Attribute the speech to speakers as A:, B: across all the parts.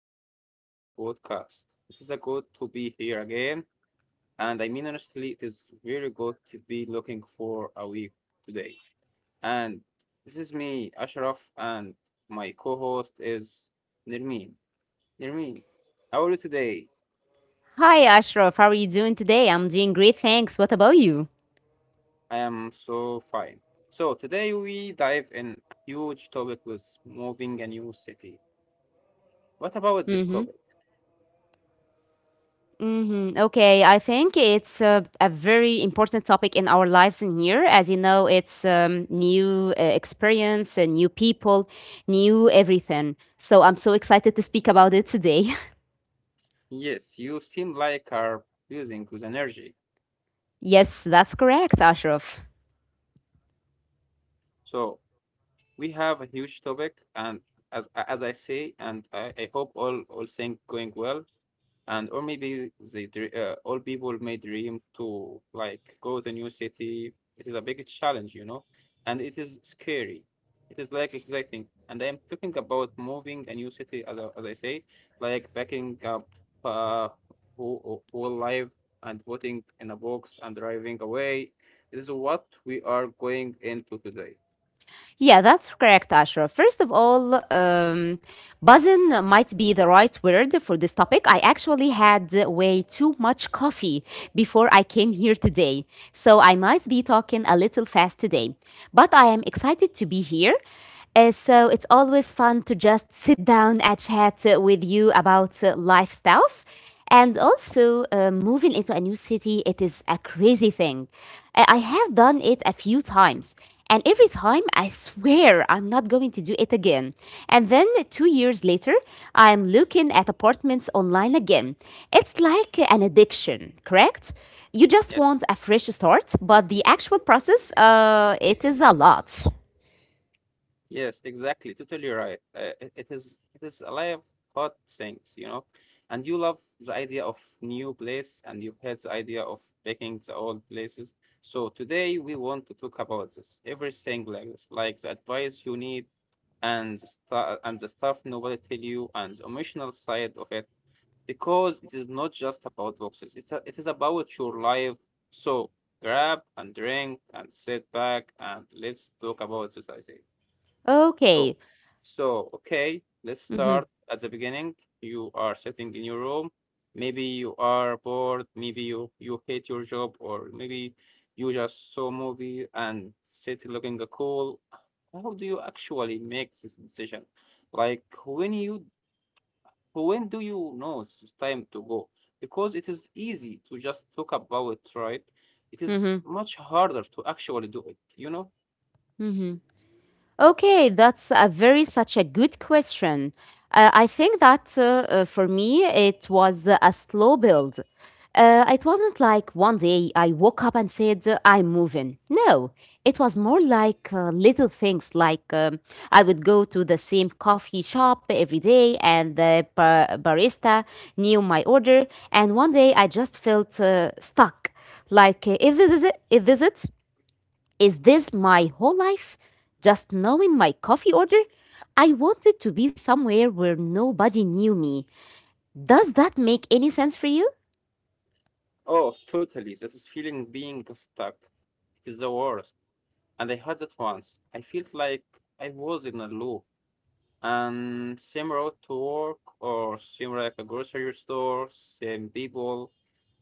A: back to our podcast. It is a good to be here again. And honestly, it is very good to be looking for a week today. And this is me, Ashraf, and my co host is Nirmeen. Nirmeen, how are you today?
B: Hi, Ashraf. How are you doing today? I'm doing great, thanks. What about you?
A: I am so fine. So, today we dive in a huge topic with moving a new city. What about this
B: Mm-hmm.
A: topic?
B: Mm-hmm. Okay, I think it's a very important topic in our lives in here. As you know, it's new experience, new people, new everything. So I'm so excited to speak about it today.
A: Yes, you seem like are using with energy.
B: Yes, that's correct, Ashraf.
A: So, we have a huge topic, and as I say, and I hope all things going well, and or maybe the all people may dream to like go to new city. It is a big challenge, you know, and it is scary. It is like exciting, and I am talking about moving a new city, as I say, like backing up uh, whole life and putting in a box and driving away. This is what we are going into today.
B: Yeah, that's correct, Ashra. First of all, buzzin might be the right word for this topic. I actually had way too much coffee before I came here today, so I might be talking a little fast today. But I am excited to be here. So it's always fun to just sit down and chat with you about life stuff. And also, moving into a new city, it is a crazy thing. I have done it a few times. And every time I swear I'm not going to do it again. And then 2 years later, I'm looking at apartments online again. It's like an addiction, correct? You just
A: Yes.
B: want a fresh start, but the actual process, it is a lot.
A: Yes, exactly. Totally right. It is it is alive, hot things, you know. And you love the idea of new place, and you hate the idea of taking the old places. So today we want to talk about this, everything like this, like the advice you need, and and the stuff nobody tell you, and the emotional side of it, because it is not just about boxes. It is about your life. So grab and drink and sit back and let's talk about this, I say. So,
B: Okay.
A: so okay, let's
B: Mhm,
A: start at the beginning. You are sitting in your room. Maybe you are bored. Maybe you hate your job, or maybe you just saw movie and sit looking cool. How do you actually make this decision? Like when do you know it's time to go? Because it is easy to just talk about it, right? It is
B: mhm,
A: much harder to actually do it, you know?
B: mhm. Okay, that's a very such a good question. I think that for me it was a slow build. It wasn't like one day I woke up and said I'm moving. No, it was more like little things. Like I would go to the same coffee shop every day, and the barista knew my order. And one day I just felt stuck. Like is this it? Is this it? Is this my whole life? Just knowing my coffee order? I wanted to be somewhere where nobody knew me. Does that make any sense for you?
A: Oh, totally. This is feeling being stuck. It is the worst. And I had that once. I felt like I was in a loop. And same road to work or same like a grocery store, same people.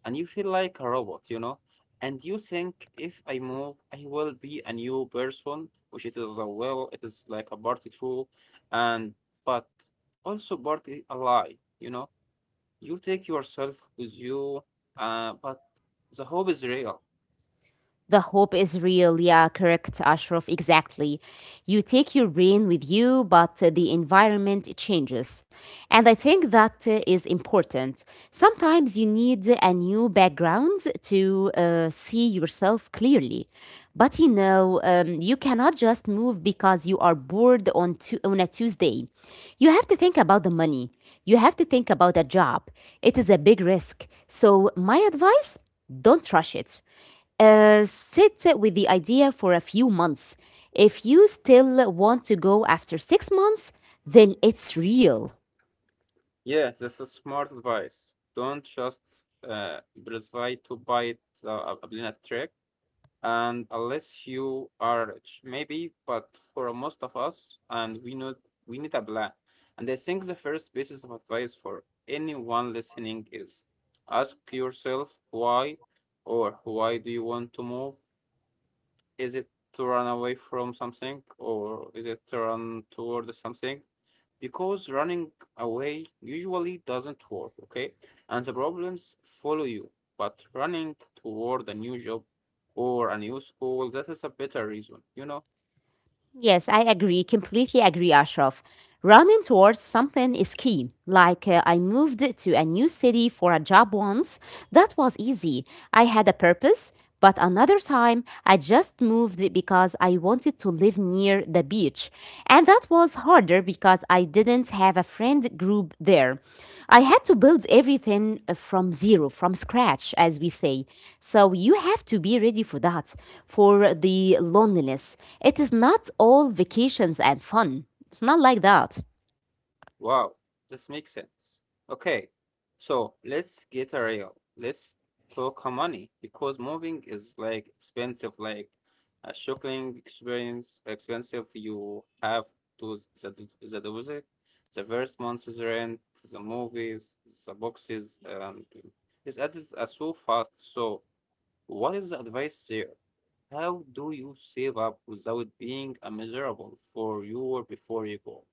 A: And you feel like a robot, you know? And you think if I move, I will be a new person, which it is a well. It is like a party true, and but also party a lie, you know? You take yourself with you, but the hope is real.
B: The hope is real, yeah, correct, Ashraf, exactly. You take your brain with you, but the environment changes. And I think that is important. Sometimes you need a new background to see yourself clearly. But you know, you cannot just move because you are bored on a Tuesday. You have to think about the money, you have to think about a job. It is a big risk. So, my advice, don't rush it. Sit with the idea for a few months. If you still want to go after 6 months, then it's real.
A: Yeah, that's a smart advice. Don't just uh, prescribe to buy the Ablina trick. And unless you are rich, maybe, but for most of us, and we know we need a plan. And I think the first basis of advice for anyone listening is ask yourself why or why do you want to move, is it to run away from something or is it to run toward something? Because running away usually doesn't work, okay? And the problems follow you. But running toward a new job or a new school, that is a better reason, you know?
B: Yes, I agree. Completely agree, Ashraf. Running towards something is key. Like I moved to a new city for a job once. That was easy. I had a purpose. But another time, I just moved because I wanted to live near the beach. And that was harder because I didn't have a friend group there. I had to build everything from zero, from scratch, as we say. So you have to be ready for that, for the loneliness. It is not all vacations and fun. It's not like that.
A: Wow, this makes sense. Okay, so let's get a real. Let's talk how money because moving is like expensive, like a shocking experience. Expensive. You have to the deposit, the first month's rent, the movies, the boxes, and it's adds are so fast. So, what is the advice there? How do you save up without being a miserable for you before you go?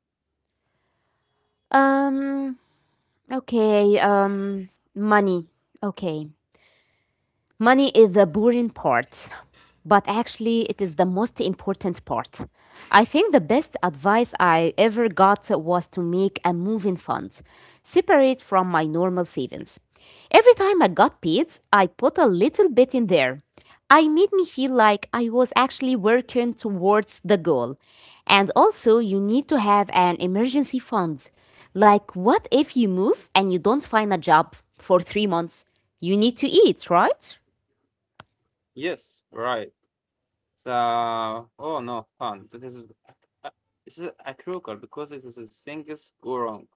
B: Um, okay, um, money. Okay. Money is the boring part, but actually it is the most important part. I think the best advice I ever got was to make a moving fund, separate from my normal savings. Every time I got paid, I put a little bit in there. I made me feel like I was actually working towards the goal. And also, you need to have an emergency fund. Like, what if you move and you don't find a job for 3 months? You need to eat, right?
A: Yes, right. So, oh no, fun. So this is uh, this is a critical because this is a things go wrong.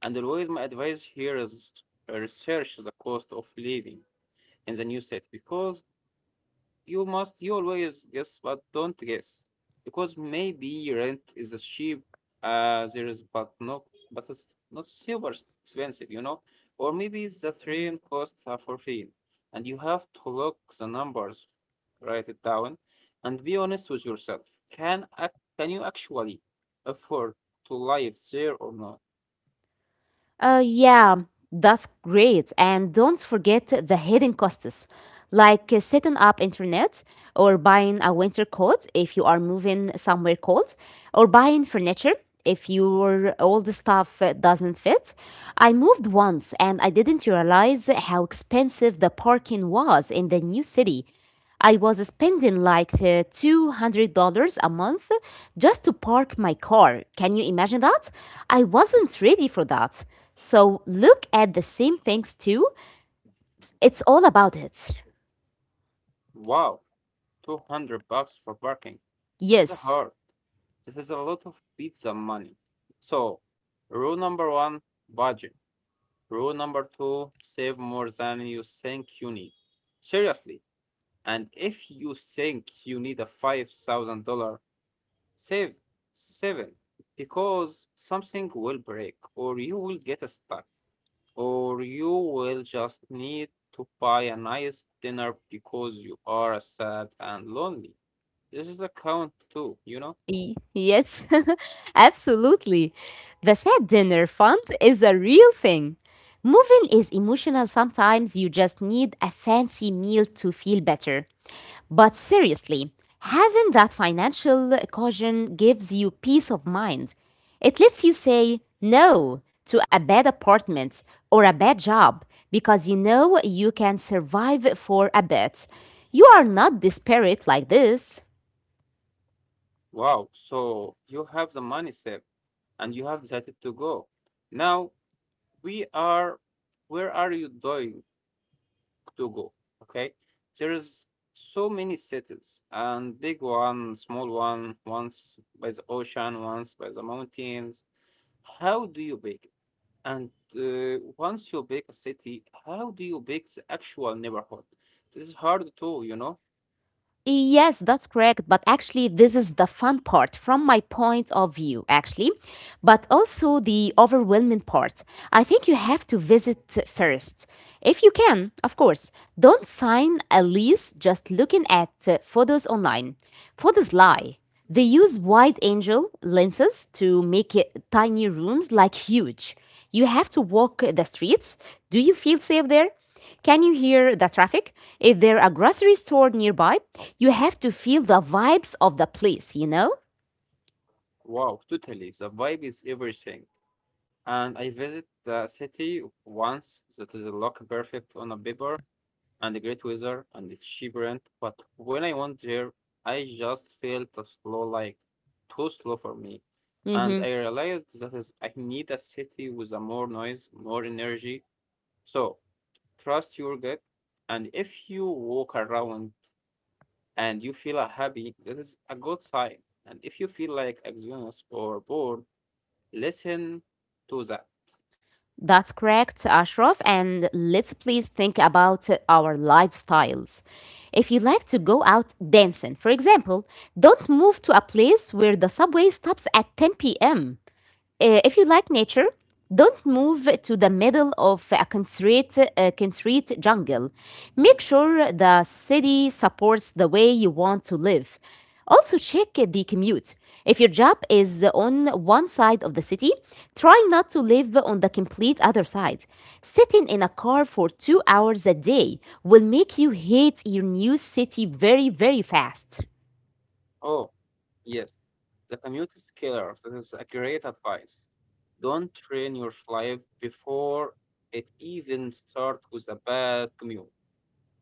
A: And always my advice here is research the cost of living in the new city because you must, you always guess, but don't guess. Because maybe rent is as cheap as there is, but no, but it's not super expensive, you know? Or maybe the train costs are for free. And you have to look the numbers, write it down, and be honest with yourself. Can, ac- can you actually afford to live there or not?
B: Yeah, that's great. And don't forget the hidden costs, like setting up internet, or buying a winter coat if you are moving somewhere cold, or buying furniture if your old stuff doesn't fit. I moved once and I didn't realize how expensive the parking was in the new city. I was spending like $200 a month just to park my car. Can you imagine that? I wasn't ready for that. So look at the same things too. It's all about it.
A: Wow. 200 bucks for parking. This is
B: Yes.
A: hard. This is a lot of pizza money. So, rule number one, budget. Rule number two, save more than you think you need. Seriously. And if you think you need a $5,000, save seven because something will break, or you will get stuck, or you will just need to buy a nice dinner because you are sad and lonely. This is a count too, you know?
B: Yes, absolutely. The sad dinner fund is a real thing. Moving is emotional sometimes. You just need a fancy meal to feel better. But seriously, having that financial caution gives you peace of mind. It lets you say no to a bad apartment or a bad job because you know you can survive for a bit. You are not desperate like this.
A: Wow, so you have the money saved and you have decided to go. Now we are where are you going to go? Okay. There is so many cities and big one, small one, once by the ocean, once by the mountains. How do you pick? And once you pick a city, how do you pick the actual neighborhood? This is hard too, you know?
B: Yes, that's correct. But actually, this is the fun part from my point of view, actually, but also the overwhelming part. I think you have to visit first. If you can, of course, don't sign a lease just looking at photos online. Photos lie. They use wide angle lenses to make it, tiny rooms like huge. You have to walk the streets. Do you feel safe there? Can you hear the traffic? If there are grocery store nearby, you have to feel the vibes of the place, you know?
A: Wow, totally. The vibe is everything. And I visit the city once that is a look perfect on a paper and a great weather and it's cheap rent. But when I went there, I just felt a slow, like too slow for me. And
B: Hmm.
A: I realized that is, I need a city with a more noise, more energy. So trust your gut. And if you walk around and you feel happy, that is a good sign. And if you feel like exhausted or bored, listen to that.
B: That's correct, Ashraf. And let's please think about our lifestyles. If you like to go out dancing, for example, don't move to a place where the subway stops at 10 p.m. If you like nature, don't move to the middle of a constraint jungle. Make sure the city supports the way you want to live. Also, check the commute. If your job is on one side of the city, try not to live on the complete other side. Sitting in a car for 2 hours a day will make you hate your new city very, very fast.
A: Oh, yes. The commute is killer. That is a great advice. Don't train your life before it even starts with a bad commute.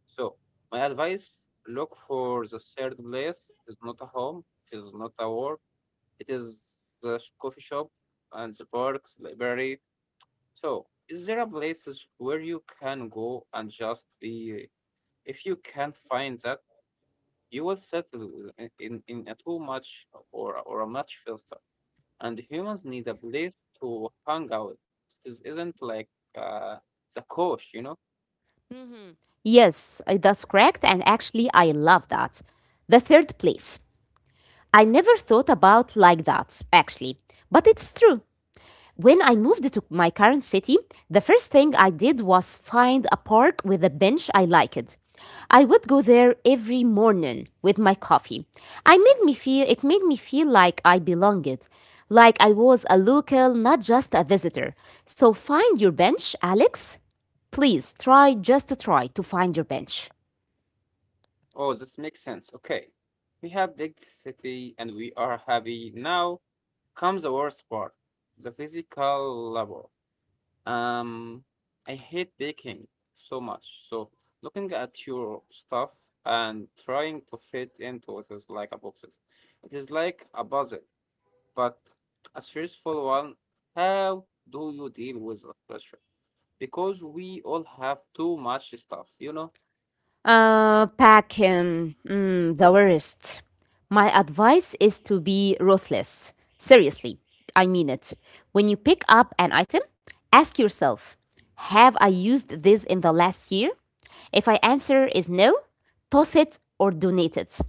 A: So, my advice look for the third place. It is not a home, it is not a work, it is the coffee shop and the parks, library. So, is there a places where you can go and just be? If you can not find that, you will settle in a too much or a much faster. And humans need a place to hang out. This isn't like uh, the coach, you know?
B: Hmm. Yes, that's correct. And actually, I love that. The third place. I never thought about like that, actually. But it's true. When I moved to my current city, the first thing I did was find a park with a bench I liked. I would go there every morning with my coffee. I made me feel It made me feel like I belonged, like I was a local, not just a visitor. So find your bench, Alex. Please try, just try to find your bench.
A: Oh, this makes sense. Okay. We have big city and we are happy. Now comes the worst part, the physical labor. Um, I hate baking so much. So looking at your stuff and trying to fit into it is like a boxes. It is like a puzzle. But a stressful one, how do you deal with the pressure? Because we all have too much stuff, you know?
B: The worst. My advice is to be ruthless. Seriously, I mean it. When you pick up an item, ask yourself, have I used this in the last year? If I answer is no, toss it or donate it.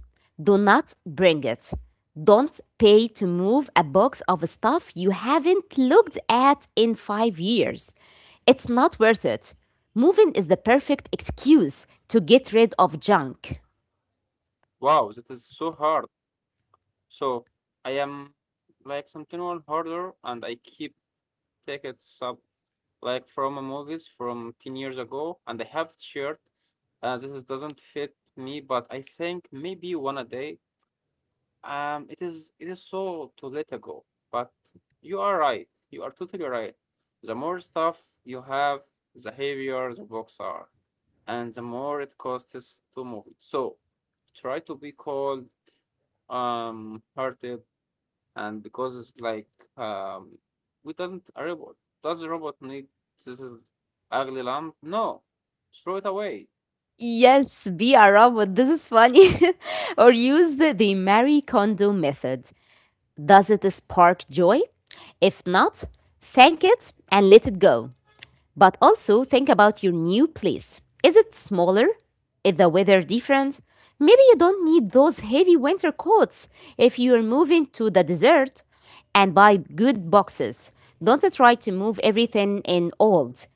B: Do not bring it. Don't pay to move a box of stuff you haven't looked at in 5 years. It's not worth it. Moving is the perfect excuse to get rid of junk.
A: Wow, that is so hard. So I am like something more harder and I keep taking it sub like from a movies from 10 years ago and I have it shared this is- doesn't fit me, but I think maybe one a day. It is so to let it go. But you are right. You are totally right. The more stuff you have, the heavier the books are, and the more it costs to move it. So try to be cold, hearted, and because it's like um, we don't a robot. Does a robot need this is ugly lamp? No, throw it away.
B: Yes, be a robot. This is funny. Or use the Marie Kondo method. Does it spark joy? If not, thank it and let it go. But also think about your new place. Is it smaller? Is the weather different? Maybe you don't need those heavy winter coats if you are moving to the desert. And buy good boxes. Don't try to move everything in old,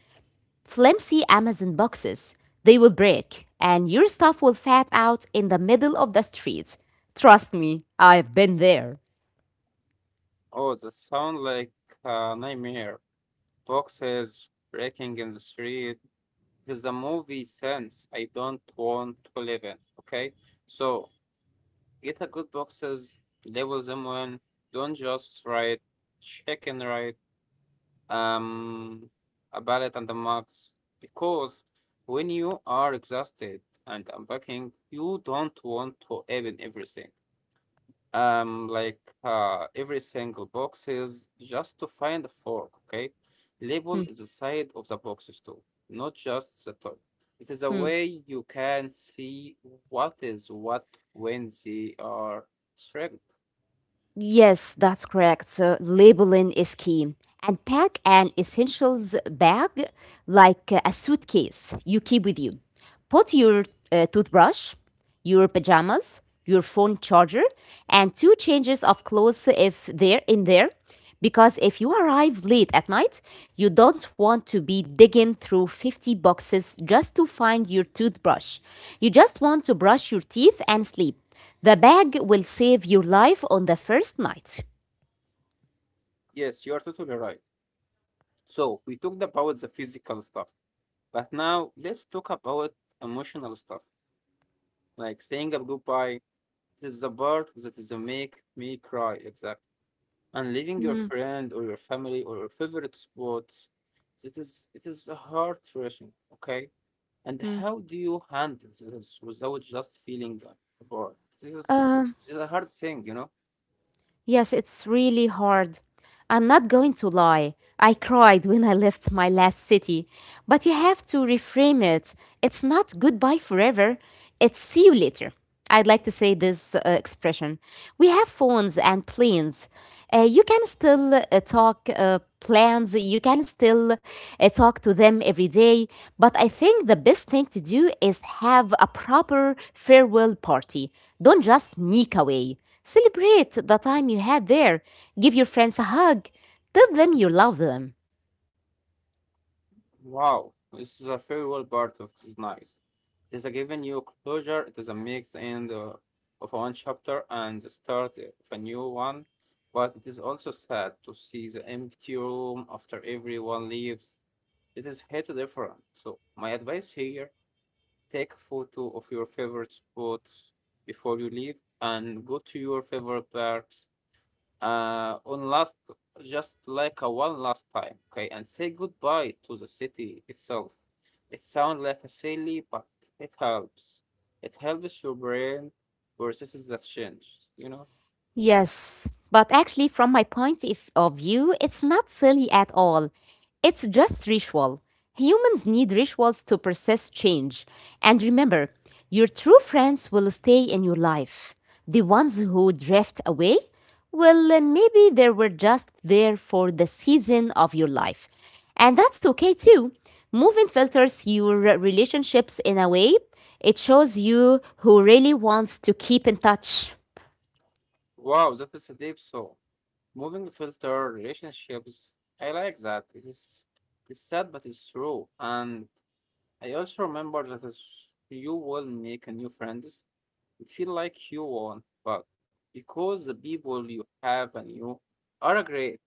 B: flimsy Amazon boxes. They will break, and your stuff will fat out in the middle of the street. Trust me, I've been there.
A: Oh, that sound like a nightmare. Boxes breaking in the street. There's a movie sense I don't want to live in. Okay, so get a good boxes, label them when. Don't just write chicken write um, a ballot and the marks. Because when you are exhausted and unpacking, you don't want to open everything every single box is just to find a fork, okay,
B: Hmm.
A: label is the side of the boxes too, not just the top, it is a
B: hmm.
A: way you can see what is what when they are shrinked.
B: Yes, that's correct. So labeling is key, and pack an essentials bag like a suitcase you keep with you. Put your toothbrush, your pajamas, your phone charger, and two changes of clothes if they're in there. Because if you arrive late at night, you don't want to be digging through 50 boxes just to find your toothbrush. You just want to brush your teeth and sleep. The bag will save your life on the first night.
A: Yes, you are totally right. So we talked about the physical stuff, but now let's talk about emotional stuff, like saying a goodbye. This is the part that is the make me cry, exactly, and leaving your
B: Mm,
A: friend or your family or your favorite spots. It is it is a heart thrashing, okay, and
B: mm.
A: how do you handle this without just feeling bored? This
B: Uh,
A: is a hard thing, you know.
B: Yes, it's really hard. I'm not going to lie. I cried when I left my last city. But you have to reframe it. It's not goodbye forever, it's see you later. I'd like to say this expression. We have phones and planes. You can still talk plans, you can still talk to them every day. But I think the best thing to do is have a proper farewell party. Don't just sneak away. Celebrate the time you had there. Give your friends a hug. Tell them you love them.
A: Wow, this is a farewell part of this nice. It is a giving you closure, it is a mix end of one chapter and the start of a new one, but it is also sad to see the empty room after everyone leaves. It is hit different. So my advice here, take a photo of your favorite spots before you leave and go to your favorite parks on last, just like a one last time, okay? And say goodbye to the city itself. It sounds like a silly, but it helps. It helps your brain processes that change, you know?
B: Yes, but actually, from my point of view, it's not silly at all. It's just ritual. Humans need rituals to process change. And remember, your true friends will stay in your life. The ones who drift away, well, maybe they were just there for the season of your life. And that's okay too. Moving filters your relationships in a way, it shows you who really wants to keep in touch.
A: Wow, that is a deep thought. Moving filter relationships. I like that. It is it's sad but it's true. And I also remember that as you will make a new friends, it feel like you won, but because the people you have and you are great.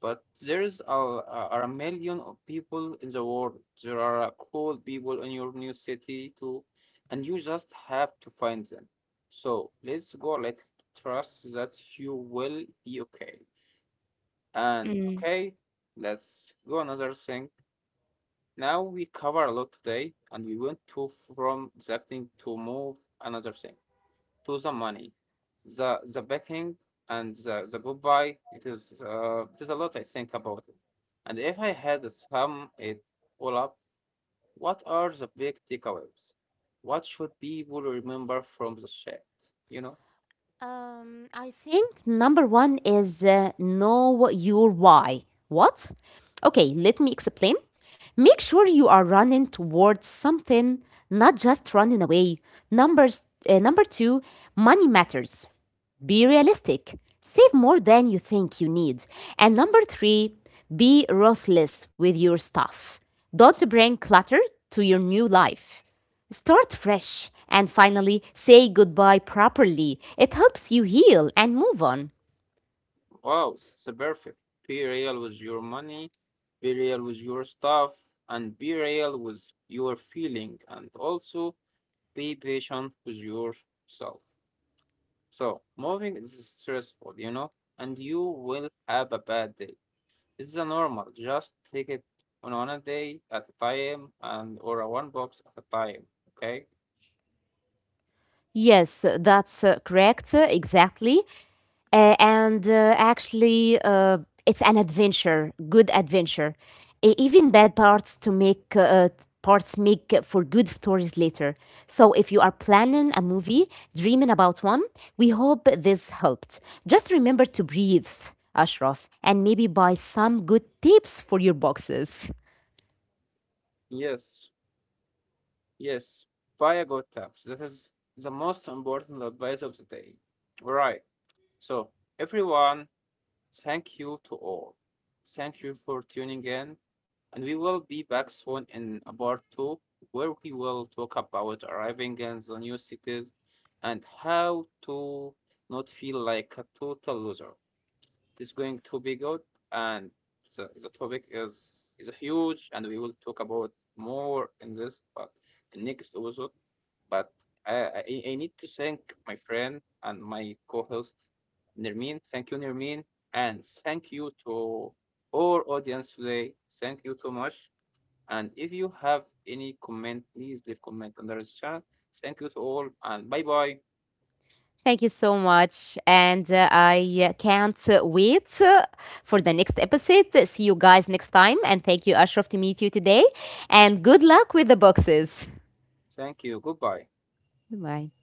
A: But there's are a million of people in the world. There are cool people in your new city too, and you just have to find them. So let's go. Let trust that you will be okay. And okay, let's go another thing. Now we cover a lot today, and we went to from the acting to move another thing to the money, the backing and the goodbye. It is a lot I think about it. And if I had to sum it all up, what are the big takeaways? What should people remember from the chat? You know.
B: Think, number one is know your why. What? Okay, let me explain. Make sure you are running towards something, not just running away. Numbers, number two, money matters. Be realistic. Save more than you think you need. And number three, be ruthless with your stuff. Don't bring clutter to your new life. Start fresh. And finally, say goodbye properly. It helps you heal and move on.
A: Wow, it's a perfect. Be real with your money, be real with your stuff, and be real with your feeling, and also be patient with yourself. So, moving is stressful, you know, and you will have a bad day. It's a normal. Just take it on a day at a time, and or a one box at a time. Okay?
B: Yes, that's correct. Exactly. Uh, and uh, actually, uh, it's an adventure, good adventure. Even bad parts make for good stories later. So if you are planning a movie, dreaming about one, we hope this helped. Just remember to breathe, Ashraf, and maybe buy some good tips for your boxes.
A: Yes, yes. Buy a good tax. That is the most important advice of the day. All right. So, everyone, thank you to all. Thank you for tuning in. And we will be back soon in a part two where we will talk about arriving in the new cities and how to not feel like a total loser. It's going to be good. And the topic is huge, and we will talk about more in this, but in next episode. But I need to thank my friend and my co-host Nermin. Thank you, Nermin, and thank you to all audience today. Thank you so much. And if you have any comment, please leave comment under the chat. Thank you to all, and bye bye.
B: Thank you so much. And I can't wait for the next episode. See you guys next time. And thank you, Ashraf, to meet you today. And good luck with the boxes.
A: Thank you. Goodbye.
B: Bye.